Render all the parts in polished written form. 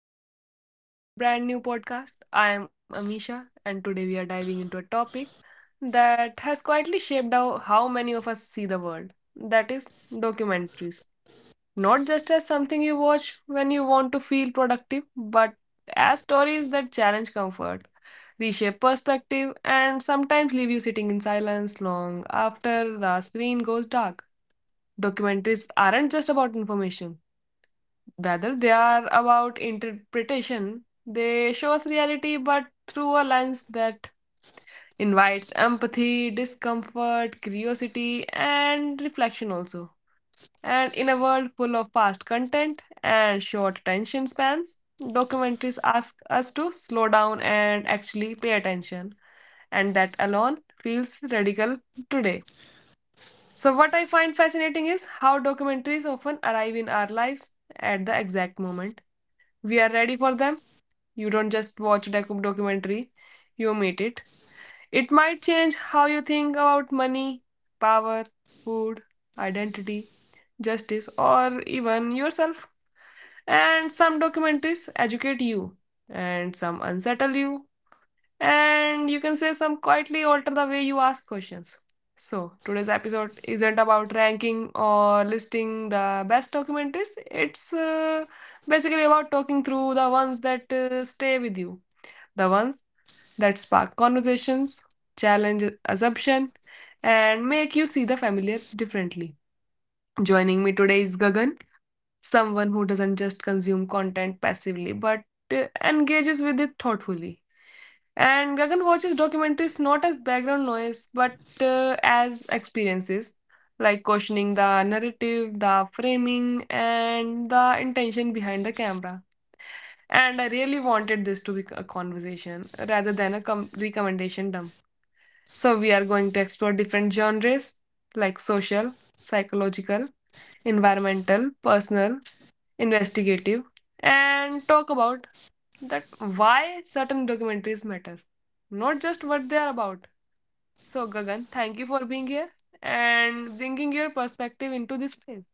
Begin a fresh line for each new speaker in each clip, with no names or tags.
and welcome back to our brand new podcast. I am Amisha, and today we are diving into a topic that has quietly shaped how many of us see the world, that is, documentaries. Not just as something you watch when you want to feel productive, but as stories that challenge comfort, reshape perspective, and sometimes leave you sitting in silence long after the screen goes dark. Documentaries aren't just about information. Rather, they are about interpretation. They show us reality, but through a lens that invites empathy, discomfort, curiosity, and reflection also. And in a world full of fast content and short attention spans, documentaries ask us to slow down and actually pay attention. And that alone feels radical today. So, what I find fascinating is how documentaries often arrive in our lives at the exact moment we are ready for them. You don't just watch, like, a documentary, you meet it. It might change how you think about money, power, food, identity, justice, or even yourself. And some documentaries educate you, and some unsettle you, and you can say some quietly alter the way you ask questions. So, today's episode isn't about ranking or listing the best documentaries. It's basically about talking through the ones that stay with you, the ones that spark conversations, challenge assumption, and make you see the familiar differently. Joining me today is Gagan, someone who doesn't just consume content passively but engages with it thoughtfully. And Gagan watches documentaries not as background noise but as experiences, like questioning the narrative, the framing, and the intention behind the camera. And I really wanted this to be a conversation rather than a recommendation dump. So, we are going to explore different genres like social, psychological, environmental, personal, investigative, and talk about that why certain documentaries matter, not just what they are about. So, Gagan, thank you for being here and bringing your perspective into this space.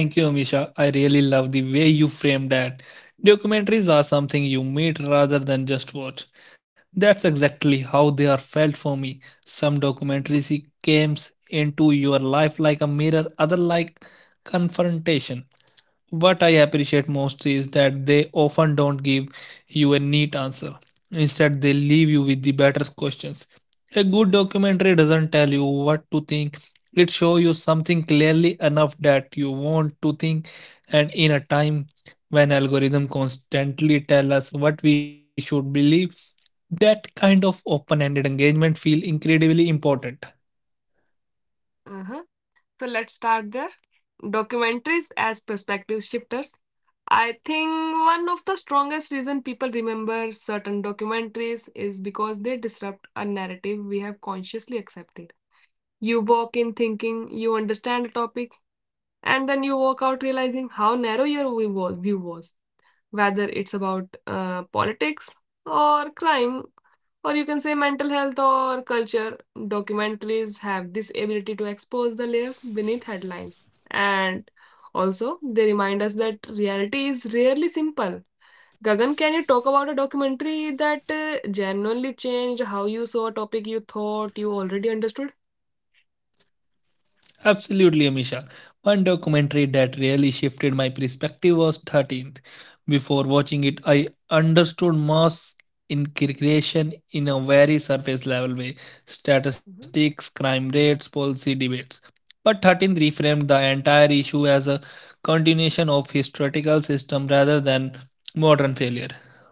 Well, thank you, Amisha. I really love the way you frame that. Documentaries are something you meet rather than just watch. That's exactly how they are felt for me. Some
Mhm.
documentaries it comes into your life like a mirror, other like confrontation. What I appreciate most is that they often don't give you a neat answer. Instead, they leave you with the better questions. A good documentary doesn't tell you what to think. It shows you something clearly enough that you want to think, and in a time when algorithms constantly tell us what we should believe, that kind of open-ended engagement feels incredibly important.
Uh-huh. So, let's start there. Documentaries as perspective shifters. I think one of the strongest reason people remember certain documentaries is because they disrupt a narrative we have consciously accepted. You walk in thinking you understand a topic, and then you walk out realizing how narrow your view was. Whether it's about politics or crime or you can say mental health or culture. Documentaries have this ability to expose the layers beneath headlines. And also, they remind us that reality is rarely simple. Gagan, can you talk about a documentary that genuinely changed how you saw a topic you thought you already understood?
Absolutely, Amisha. One documentary that really shifted my perspective was 13th. Before watching it, I understood mass integration in a very surface level way:
Mm-hmm.
statistics, crime rates, policy debates. But 13th reframed the entire issue as a continuation of historical system rather than modern failure.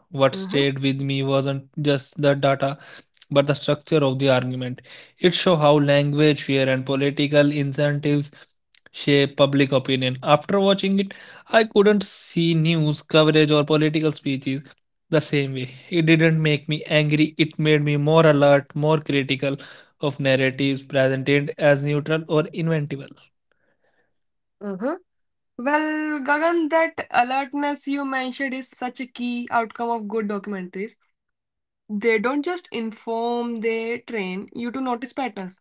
What
Mm-hmm.
stayed with me wasn't just the data, but the structure of the argument. It shows how language, fear, and political incentives shape public opinion. After watching it, I couldn't see news coverage or political speeches the same way. It didn't make me angry, it made me more alert, more critical of narratives presented as neutral or inventable.
Mm-hmm. Well, Gagan, that alertness you mentioned is such a key outcome of good documentaries. They don't just inform, they train you to notice patterns.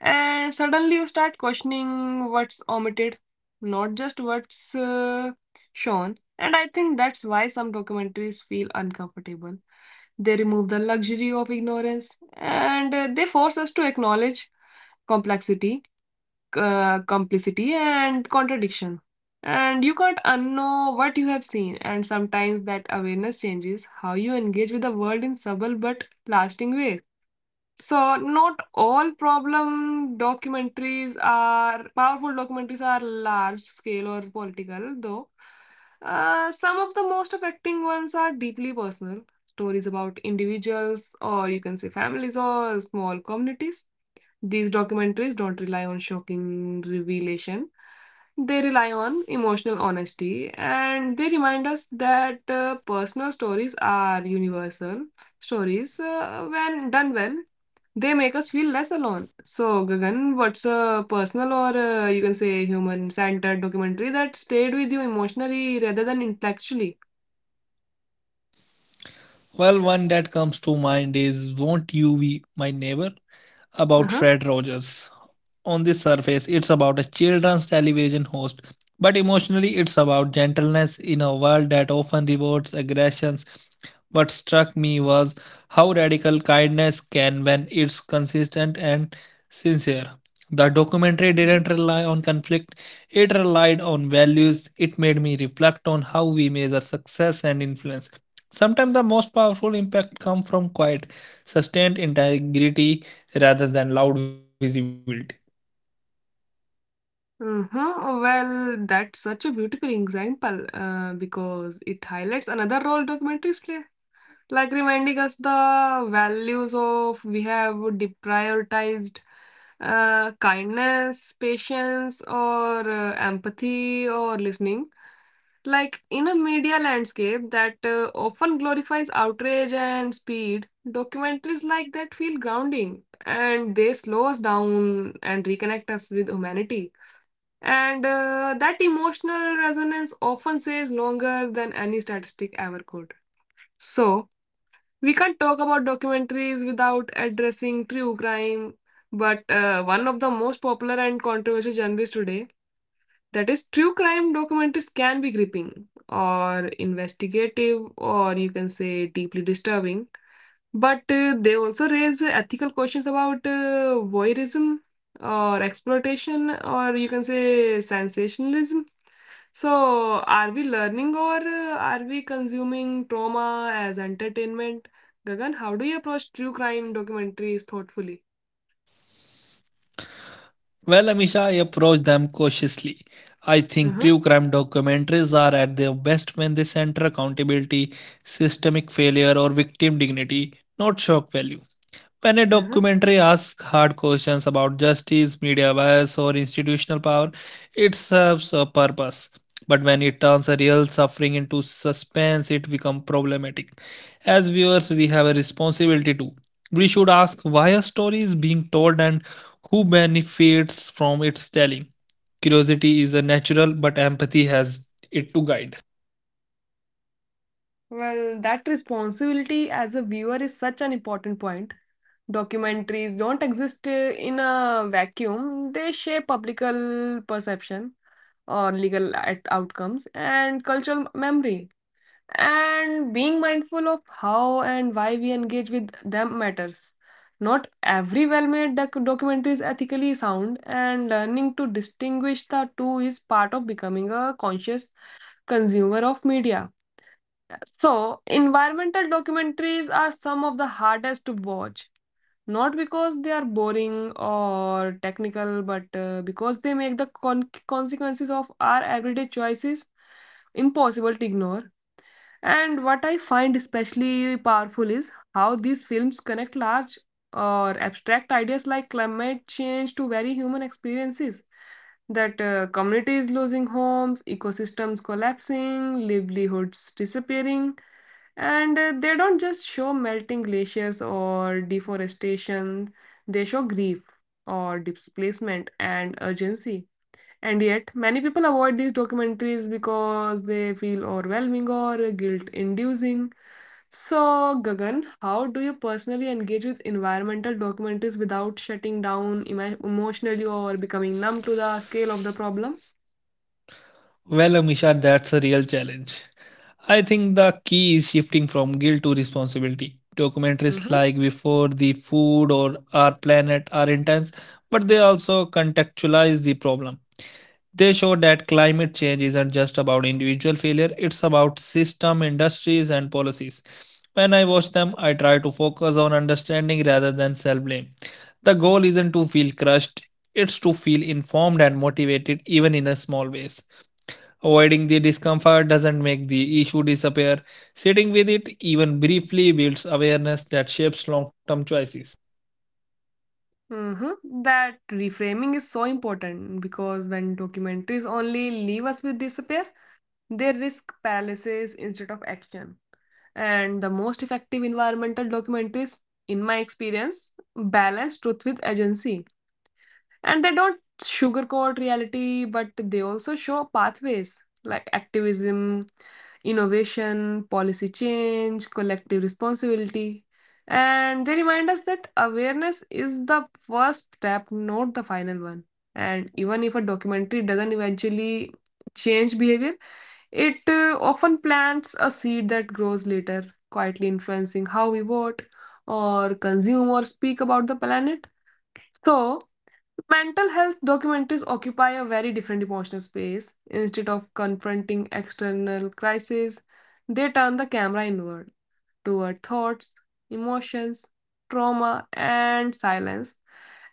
And suddenly you start questioning what's omitted, not just what's shown. And I think that's why some documentaries feel uncomfortable. They remove the luxury of ignorance and they force us to acknowledge complexity, complicity and contradiction. And you can't unknow what you have seen, and sometimes that awareness changes how you engage with the world in subtle but lasting ways. So, not all problem documentaries are powerful documentaries are large scale or political, though. Some of the most affecting ones are deeply personal stories about individuals, or you can say families or small communities. These documentaries don't rely on shocking revelation. They rely on emotional honesty, and they remind us that personal stories are universal stories. When done well, they make us feel less alone. So, Gagan, what's a personal or you can say human centered documentary that stayed with you emotionally rather than intellectually?
Well, one that comes to mind is Won't You Be My Neighbor? About
Uh
Fred Rogers. On the surface, it's about a children's television host, but emotionally, it's about gentleness in a world that often rewards aggressions. What struck me was how radical kindness can when it's consistent and sincere. The documentary
huh.
didn't rely on conflict, it relied on values. It made me reflect on how we measure success and influence. Sometimes the most powerful impact comes from quiet, sustained integrity rather than loud visibility.
Uh-huh. Well, that's such a beautiful example because it highlights another role documentaries play, like reminding us the values of we have deprioritized, kindness, patience, or empathy, or listening. Like in a media landscape that often glorifies outrage and speed, documentaries like that feel grounding, and they slow us down and reconnect us with humanity. And that emotional resonance often stays longer than any statistic ever could. So, we can't talk about documentaries without addressing true crime, but one of the most popular and controversial genres today, that is, true crime documentaries can be gripping or investigative or you can say deeply disturbing, but they also raise ethical questions about voyeurism or exploitation or you can say sensationalism. So, are we learning, or are we consuming trauma as entertainment? Gagan, how do you approach true crime documentaries thoughtfully?
Well, Amisha, I approach them cautiously. I think
Uh-huh,
true crime documentaries are at their best when they center accountability, systemic failure, or victim dignity, not shock value. When a
uh-huh.
documentary asks hard questions about justice, media bias, or institutional power, it serves a purpose. But when it turns real suffering into suspense, it becomes problematic. As viewers, we have a responsibility to. We should ask why a story is being told and who benefits from its telling. Curiosity is a natural, but empathy has it to guide.
Well, that responsibility as a viewer is such an important point. Documentaries don't exist in a vacuum, they shape public perception or outcomes and cultural memory. And being mindful of how and why we engage with them matters. Not every well made documentary is ethically sound, and learning to distinguish the two is part of becoming a conscious consumer of media. So, environmental documentaries are some of the hardest to watch. Not because they are boring or technical, but because they make the consequences of our everyday choices impossible to ignore. And what I find especially powerful is how these films connect large or abstract ideas like climate change to very human experiences, that communities losing homes, ecosystems collapsing, livelihoods disappearing, and they don't just show melting glaciers or deforestation, they show grief or displacement and urgency. And yet, many people avoid these documentaries because they feel overwhelming or guilt inducing. So, Gagan, how do you personally engage with environmental documentaries without shutting down emotionally or becoming numb to the scale of the problem?
Well, Amisha, that's a real challenge. I think the key is shifting from guilt to responsibility. Documentaries
Mm-hmm.
like Before the Food or Our Planet are intense, but they also contextualize the problem. They show that climate change isn't just about individual failure, it's about system, industries, and policies. When I watch them, I try to focus on understanding rather than self blame. The goal isn't to feel crushed, it's to feel informed and motivated, even in a small ways. Avoiding the discomfort doesn't make the issue disappear. Sitting with it, even briefly, builds awareness that shapes long term choices.
Mm-hmm. That reframing is so important because when documentaries only leave us with despair, they risk paralysis instead of action. And the most effective environmental documentaries, in my experience, balance truth with agency. And they don't sugarcoat reality, but they also show pathways like activism, innovation, policy change, collective responsibility. And they remind us that awareness is the first step, not the final one. And even if a documentary doesn't eventually change behavior, it often plants a seed that grows later, quietly influencing how we vote or consume or speak about the planet. So, mental health documentaries occupy a very different emotional space. Instead of confronting external crises, they turn the camera inward toward thoughts, emotions, trauma, and silence.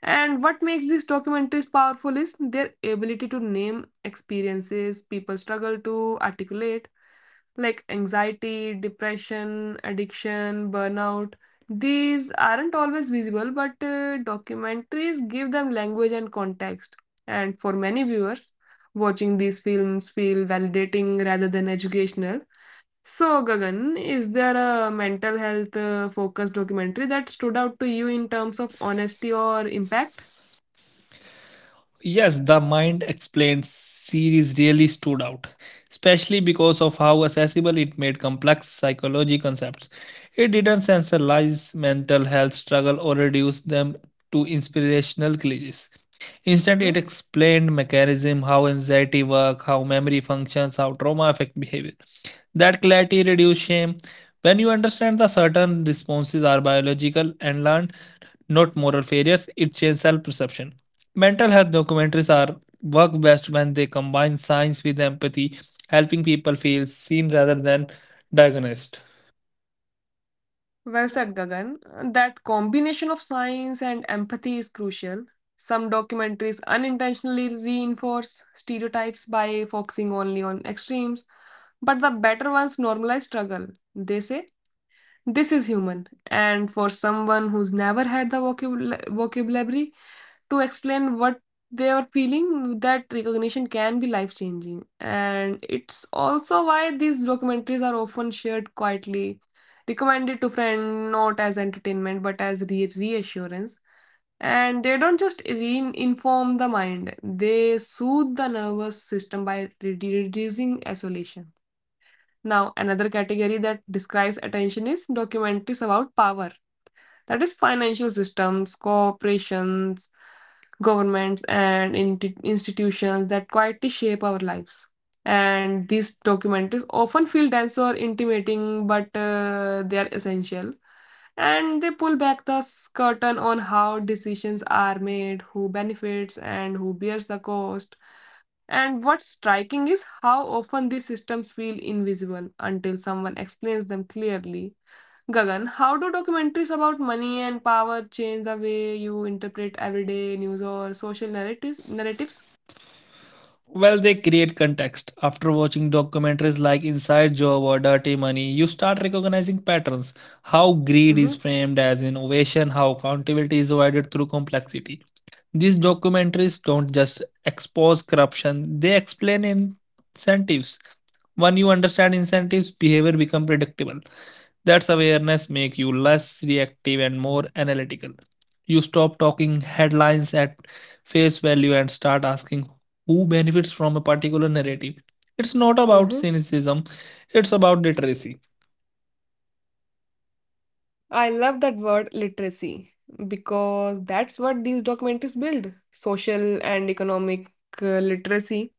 And what makes these documentaries powerful is their ability to name experiences people struggle to articulate, like anxiety, depression, addiction, burnout. These aren't always visible, but documentaries give them language and context. And for many viewers, watching these films feel validating rather than educational. So, Gagan, is there a mental health focused documentary that stood out to you in terms of honesty or impact?
Yes, the Mind Explained series really stood out, especially because of how accessible it made complex psychology concepts. It didn't sensationalize mental health struggle or reduce them to inspirational cliches. Instead, it explained mechanism: how anxiety works, how memory functions, how trauma affects behavior. That clarity reduces shame. When you understand that certain responses are biological and learned, not moral failures, it changes self perception. Mental health documentaries are work best when they combine science with empathy, helping people feel seen rather than diagnosed.
Well said, Gagan. That combination of science and empathy is crucial. Some documentaries unintentionally reinforce stereotypes by focusing only on extremes, but the better ones normalize struggle. They say, "This is human." And for someone who's never had the vocabulary to explain what they were feeling, that recognition can be life changing. And it's also why these documentaries are often shared quietly, recommended to friends not as entertainment but as reassurance. And they don't just re-inform the mind, they soothe the nervous system by reducing isolation. Now another category that describes attention is documentaries about power, that is, financial systems, corporations, governments, and institutions that quietly shape our lives. And these documentaries often feel dense or intimating, but they are essential. And they pull back the curtain on how decisions are made, who benefits, and who bears the cost. And what's striking is how often these systems feel invisible until someone explains them clearly. Gagan, how do documentaries about money and power change the way you interpret everyday news or social narratives? Narratives.
Well, they create context. After watching documentaries like Inside Job or Dirty Money, you start recognizing patterns. How greed is
Hmm.
framed as innovation, how accountability is avoided through complexity. These documentaries don't just expose corruption, they explain incentives. When you understand incentives, behavior becomes predictable. That's awareness make you less reactive and more analytical. You stop talking headlines at face value and start asking who benefits from a particular narrative. It's not about
Hmm.
cynicism, it's about literacy.
I love that word literacy, because that's what these documentaries build: social and economic, literacy.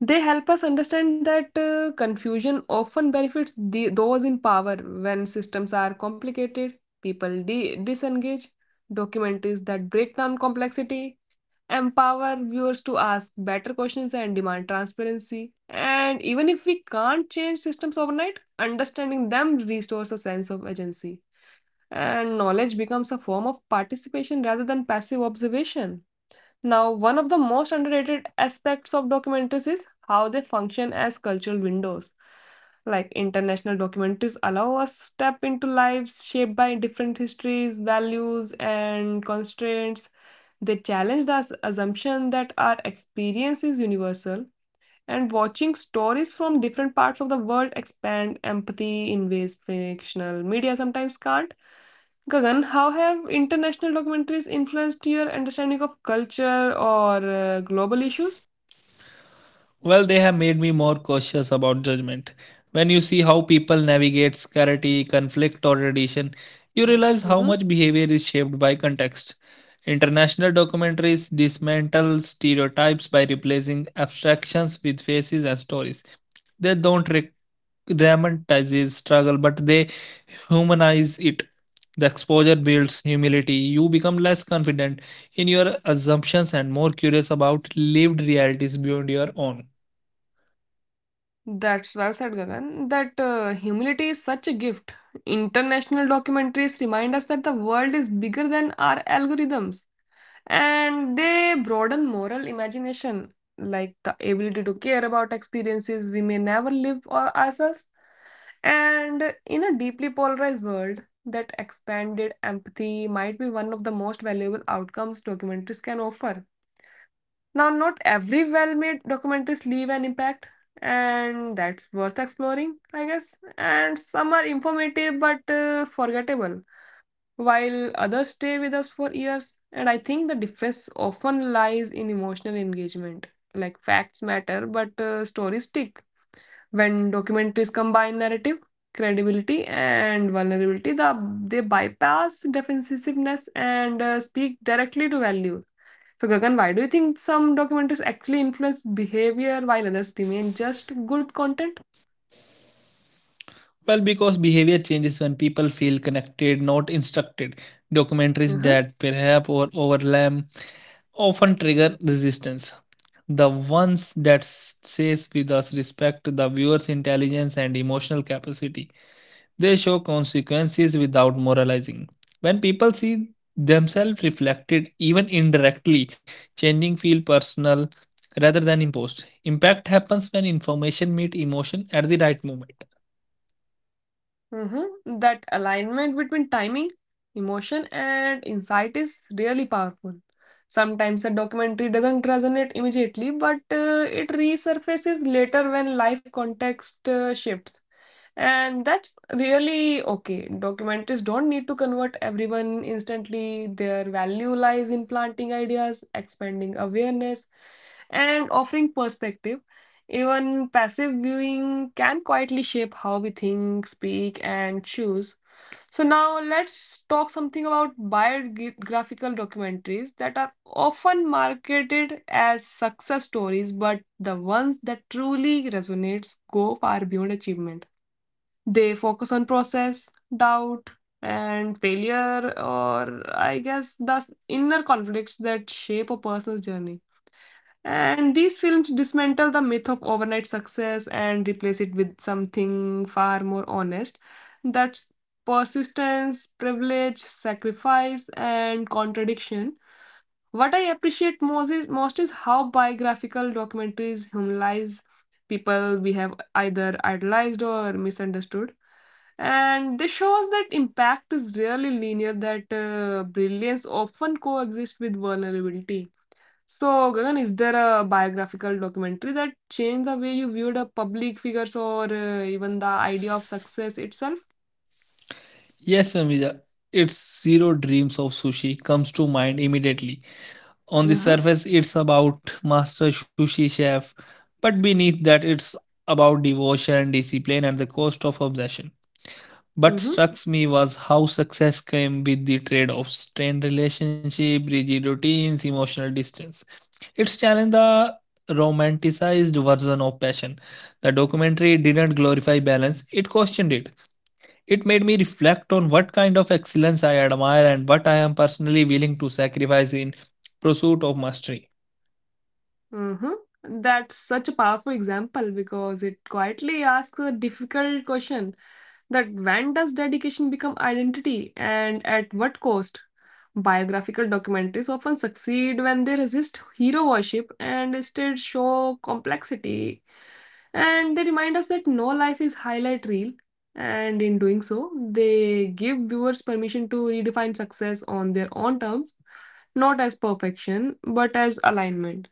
They help us understand that confusion often benefits the, those in power. When systems are complicated, people disengage. Documentaries that break down complexity empower viewers to ask better questions and demand transparency. And even if we can't change systems overnight, understanding them restores a sense of agency. And knowledge becomes a form of participation rather than passive observation. Now, one of the most underrated aspects of documentaries is how they function as cultural windows. Like international documentaries allow us to step into lives shaped by different histories, values, and constraints. They challenge the assumption that our experience is universal, and watching stories from different parts of the world expand empathy in ways fictional media sometimes can't. Gagan, how have international documentaries influenced your understanding of culture or global issues?
Well, they have made me more cautious about judgment. When you see how people navigate scarcity, conflict, or tradition, you realize how
Hmm.
much behavior is shaped by context. International documentaries dismantle stereotypes by replacing abstractions with faces and stories. They don't dramatize struggle, but they humanize it. The exposure builds humility. You become less confident in your assumptions and more curious about lived realities beyond your own.
That's well said, Gagan. That humility is such a gift. International documentaries remind us that the world is bigger than our algorithms. And they broaden moral imagination, like the ability to care about experiences we may never live ourselves. And in a deeply polarized world, that expanded empathy might be one of the most valuable outcomes documentaries can offer. Now, not every well-made documentaries leave an impact, and that's worth exploring, I guess. And some are informative but forgettable, while others stay with us for years. And I think the difference often lies in emotional engagement. Like, facts matter, but stories stick. When documentaries combine narrative, credibility, and vulnerability, they bypass defensiveness and speak directly to values. So, Gagan, why do you think some documentaries actually influence behavior while others remain just good content?
Well, because behavior changes when people feel connected, not instructed.
Uh
Documentaries
huh.
that perhaps or overlap often trigger resistance. The ones that says with us respect the viewer's intelligence and emotional capacity. They show consequences without moralizing. When people see themselves reflected, even indirectly, changing feel personal rather than imposed. Impact happens when information meet emotion at the right moment.
Mhm. That alignment between timing, emotion, and insight is really powerful. Sometimes a documentary doesn't resonate immediately, but it resurfaces later when life context shifts. And that's really okay. Documentaries don't need to convert everyone instantly. Their value lies in planting ideas, expanding awareness, and offering perspective. Even passive viewing can quietly shape how we think, speak, and choose. So, now let's talk something about biographical documentaries that are often marketed as success stories, but the ones that truly resonates go far beyond achievement. They focus on process, doubt, and failure, or I guess the inner conflicts that shape a personal journey. And these films dismantle the myth of overnight success and replace it with something far more honest. That's persistence, privilege, sacrifice, and contradiction. What I appreciate most is how biographical documentaries humanize people we have either idolized or misunderstood. And this shows that impact is really linear, that brilliance often coexists with vulnerability. So, Gagan, is there a biographical documentary that changed the way you viewed a public figures or even the idea of success itself?
Yes, Amija. Its zero dreams of sushi comes to mind immediately. On the
Uh-huh.
surface, it's about master sushi chef, but beneath that, it's about devotion, discipline, and the cost of obsession. What
Mm-hmm.
struck me was how success came with the trade of strained relationship, rigid routines, emotional distance. It's challenged the romanticized version of passion. The documentary didn't glorify balance; it questioned it. It made me reflect on what kind of excellence I admire and what I am personally willing to sacrifice in pursuit of mastery.
Hmm. That's such a powerful example because it quietly asks a difficult question, that when does dedication become identity and at what cost? Biographical documentaries often succeed when they resist hero worship and instead show complexity. And they remind us that no life is highlight reel. And in doing so, they give viewers permission to redefine success on their own terms, not as perfection, but as alignment.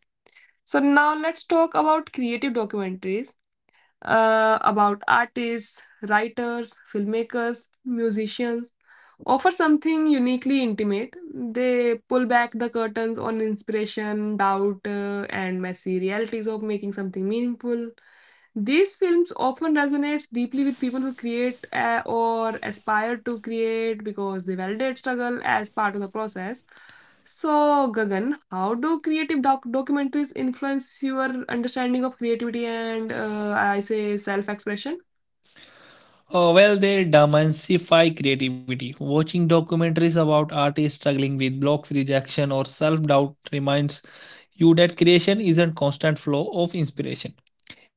So now let's talk about creative documentaries, about artists, writers, filmmakers, musicians. Offer something uniquely intimate. They pull back the curtains on inspiration, doubt, and messy realities of making something meaningful. These films often resonates deeply with people who create or aspire to create because they validate struggle as part of the process. So, Gagan, how do creative documentaries influence your understanding of creativity and I say self-expression?
Oh, well, they demystify creativity. Watching documentaries about artists struggling with blocks, rejection, or self doubt reminds you that creation isn't constant flow of inspiration.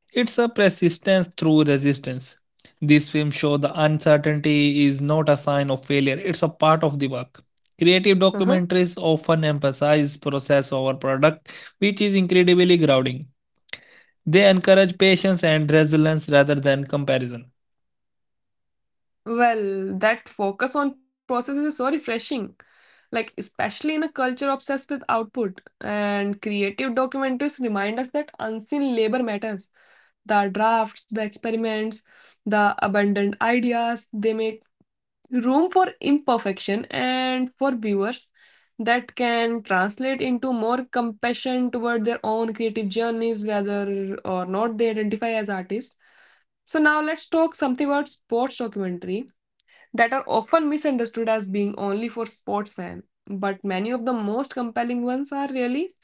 It's a persistence through resistance. This film shows the uncertainty is not a sign of failure, it's a part of the work. Creative
Uh-huh.
documentaries often emphasize process over product, which is incredibly grounding. They encourage patience and resilience rather than comparison.
Well, that focus on processes is so refreshing. Like, especially in a culture obsessed with output, and creative documentaries remind us that unseen labor matters. The drafts, the experiments, the abundant ideas, they make room for imperfection, and for viewers that can translate into more compassion toward their own creative journeys, whether or not they identify as artists. So, now let's talk something about sports documentary that are often misunderstood as being only for sports fans, but many of the most compelling ones are really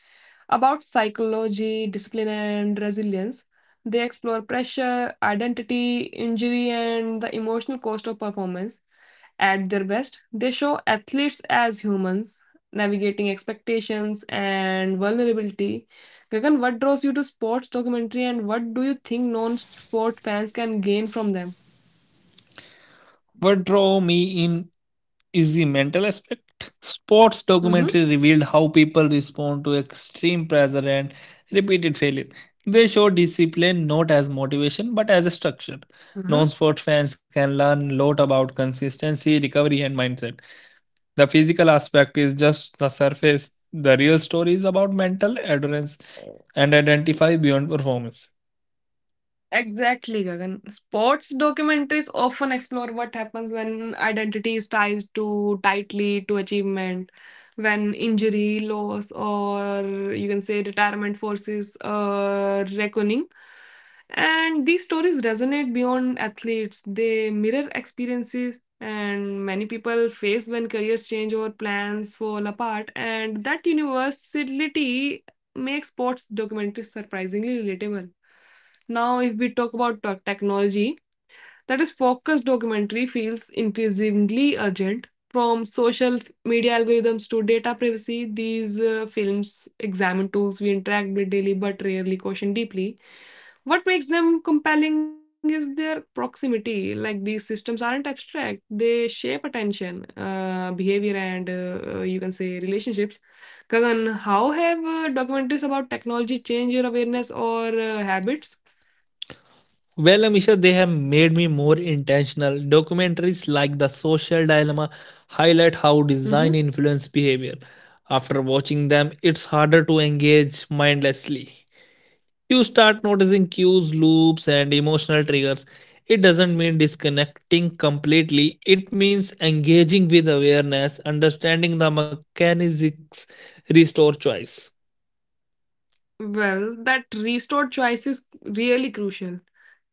about psychology, discipline, and resilience. They explore pressure, identity, injury, and the emotional cost of performance. At their best, they show athletes as humans, navigating expectations and vulnerability. Gagan, what draws you to sports documentary, and what do you think non-sport fans can gain from them?
What drew me in is the mental aspect. Sports
Mm-hmm.
documentary revealed how people respond to extreme pressure and repeated failure. They show discipline not as motivation but as a structure. Non-sport fans can learn a lot about consistency, recovery, and mindset. The physical aspect is just the surface. The real story is about mental endurance and identify beyond performance.
Exactly, Gagan. Sports documentaries often explore what happens when identity is tied too tightly to achievement, when injury, loss, or you can say retirement forces a reckoning. And these stories resonate beyond athletes. They mirror experiences and many people face when careers change or plans fall apart. And that universality makes sports documentaries surprisingly relatable. Now, if we talk about technology, that is focused documentary feels increasingly urgent. From social media algorithms to data privacy, these films examine tools we interact with daily but rarely question deeply. What makes them compelling is their proximity. Like, these systems aren't abstract, they shape attention, behavior, and you can say relationships. Kagan, how have documentaries about technology changed your awareness or habits?
Well, Amisha, they have made me more intentional. Documentaries like The Social Dilemma highlight how design influence behavior. After watching them, it's harder to engage mindlessly. You start noticing cues, loops, and emotional triggers. It doesn't mean disconnecting completely, it means engaging with awareness, understanding the mechanics, restore choice.
Well, that restored choice is really crucial.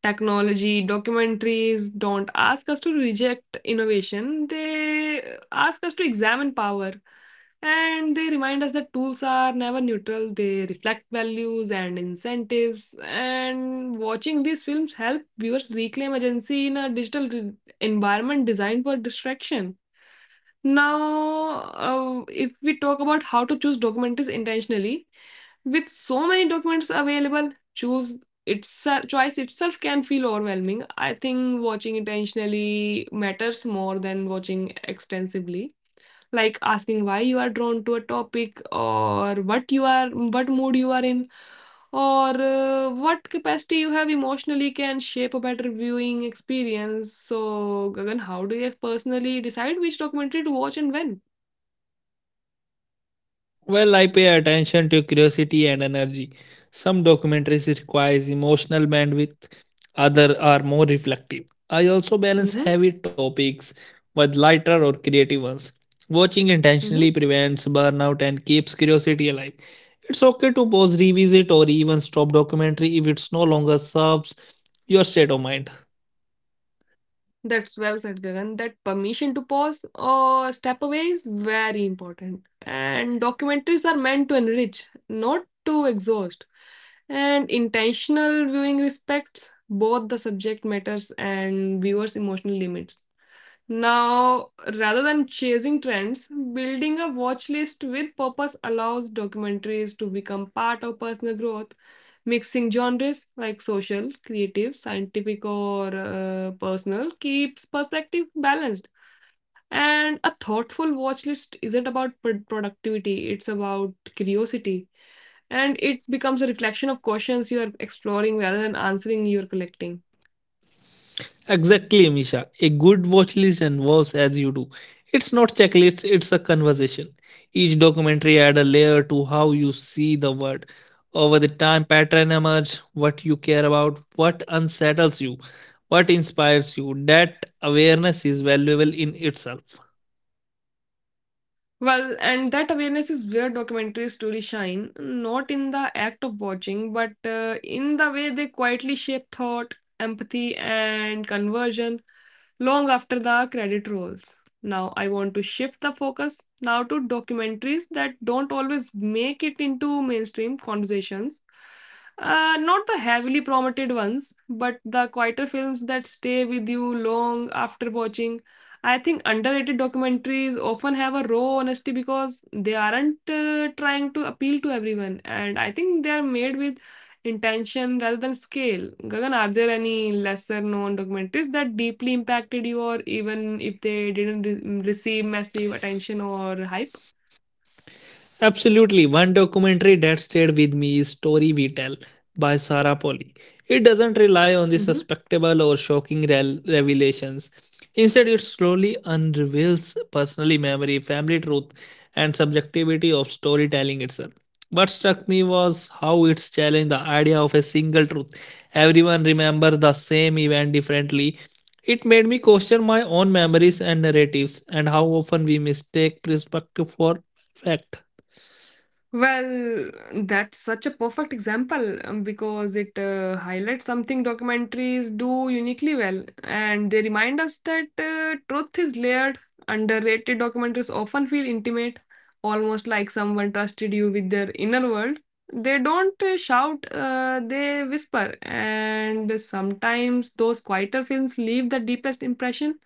Technology, documentaries don't ask us to reject innovation, they ask us to examine power. And they remind us that tools are never neutral, they reflect values and incentives. And watching these films help viewers reclaim agency in a digital environment designed for distraction. Now, if we talk about how to choose documentaries intentionally, with so many documents available, choose itself choice itself can feel overwhelming. I think watching intentionally matters more than watching extensively. Like, asking why you are drawn to a topic, or what mood you are in, or what capacity you have emotionally can shape a better viewing experience. So, Gagan, how do you personally decide which documentary to watch and when?
Well, I pay attention to curiosity and energy. Some documentaries requires emotional bandwidth, other are more reflective. I also balance
Mm-hmm.
heavy topics with lighter or creative ones. Watching
Mm-hmm.
intentionally prevents burnout and keeps curiosity alive. It's okay to pause, revisit, or even stop documentary if it's no longer serves your state of mind.
That's well said, Gagan. That permission to pause or step away is very important. And documentaries are meant to enrich, not to exhaust. And intentional viewing respects both the subject matters and viewers' emotional limits. Now, rather than chasing trends, building a watch list with purpose allows documentaries to become part of personal growth. Mixing genres like social, creative, scientific, or personal keeps perspective balanced. And a thoughtful watch list isn't about productivity, it's about curiosity. And it becomes a reflection of questions you are exploring rather than answering you're collecting.
Exactly, Misha. A good watch list involves as you do. It's not checklist, it's a conversation. Each documentary add a layer to how you see the world. Over the time pattern emerge, what you care about, what unsettles you, what inspires you. That awareness is valuable in itself.
Well, and that awareness is where documentaries truly shine, not in the act of watching, but in the way they quietly shape thought, empathy, and conversion long after the credit rolls. Now, I want to shift the focus now to documentaries that don't always make it into mainstream conversations. Not the heavily promoted ones, but the quieter films that stay with you long after watching. I think underrated documentaries often have a raw honesty because they aren't trying to appeal to everyone, and I think they are made with intention rather than scale. Gagan, are there any lesser known documentaries that deeply impacted you, or even if they didn't receive massive attention or hype?
Absolutely. One documentary that stayed with me is Story We Tell by Sarah Polley. It doesn't rely on the
Mm-hmm.
suspectable or shocking revelations. Instead, it slowly unreveals personal memory, family truth, and subjectivity of storytelling itself. What struck me was how it's challenged the idea of a single truth. Everyone remembers the same event differently. It made me question my own memories and narratives and how often we mistake perspective for fact.
Well, that's such a perfect example because it highlights something documentaries do uniquely well, and they remind us that truth is layered. Underrated documentaries often feel intimate, almost like someone trusted you with their inner world. They don't shout, they whisper, and sometimes those quieter films leave the deepest impression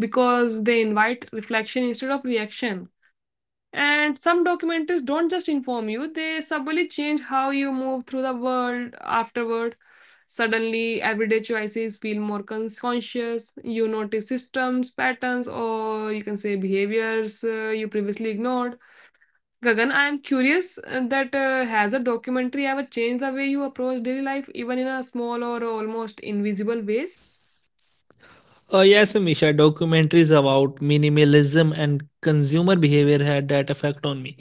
because they invite reflection instead of reaction. And some documentaries don't just inform you, they subtly change how you move through the world afterward. Suddenly, everyday choices feel more conscious. You notice systems, patterns, or you can say behaviors you previously ignored. Gagan, I am curious that has a documentary ever changed the way you approach daily life, even in a small or almost invisible ways?
Yes, Misha. Documentaries about minimalism and consumer behavior had that effect on me.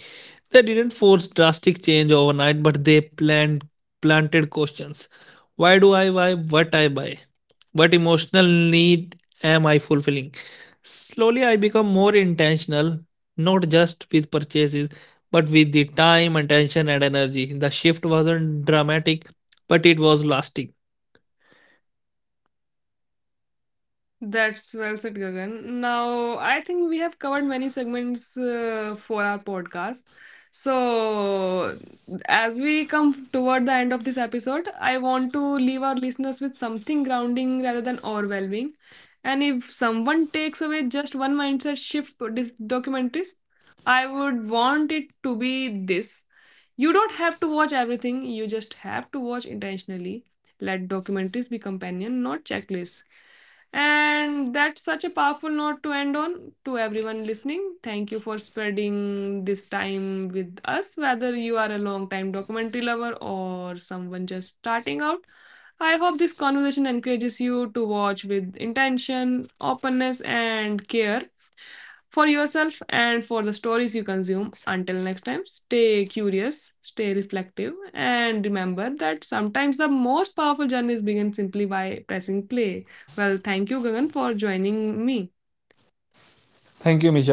They didn't force drastic change overnight, but they planted questions. Why do I buy? What emotional need am I fulfilling? Slowly, I become more intentional, not just with purchases, but with the time, attention, and energy. The shift wasn't dramatic, but it was lasting.
That's well said, Gagan. Now, I think we have covered many segments for our podcast. So, as we come toward the end of this episode, I want to leave our listeners with something grounding rather than overwhelming. And if someone takes away just one mindset shift for this documentaries, I would want it to be this. You don't have to watch everything, you just have to watch intentionally. Let documentaries be companion, not checklists, and that's such a powerful note to end on to everyone listening. Thank you for spreading this time with us, whether you are a long time documentary lover or someone just starting out. I hope this conversation encourages you to watch with intention, openness, and care for yourself and for the stories you consume. Until next time, stay curious, stay reflective, and remember that sometimes the most powerful journeys begin simply by pressing play. Well, thank you, Gagan, for joining me.
Thank you, Misha.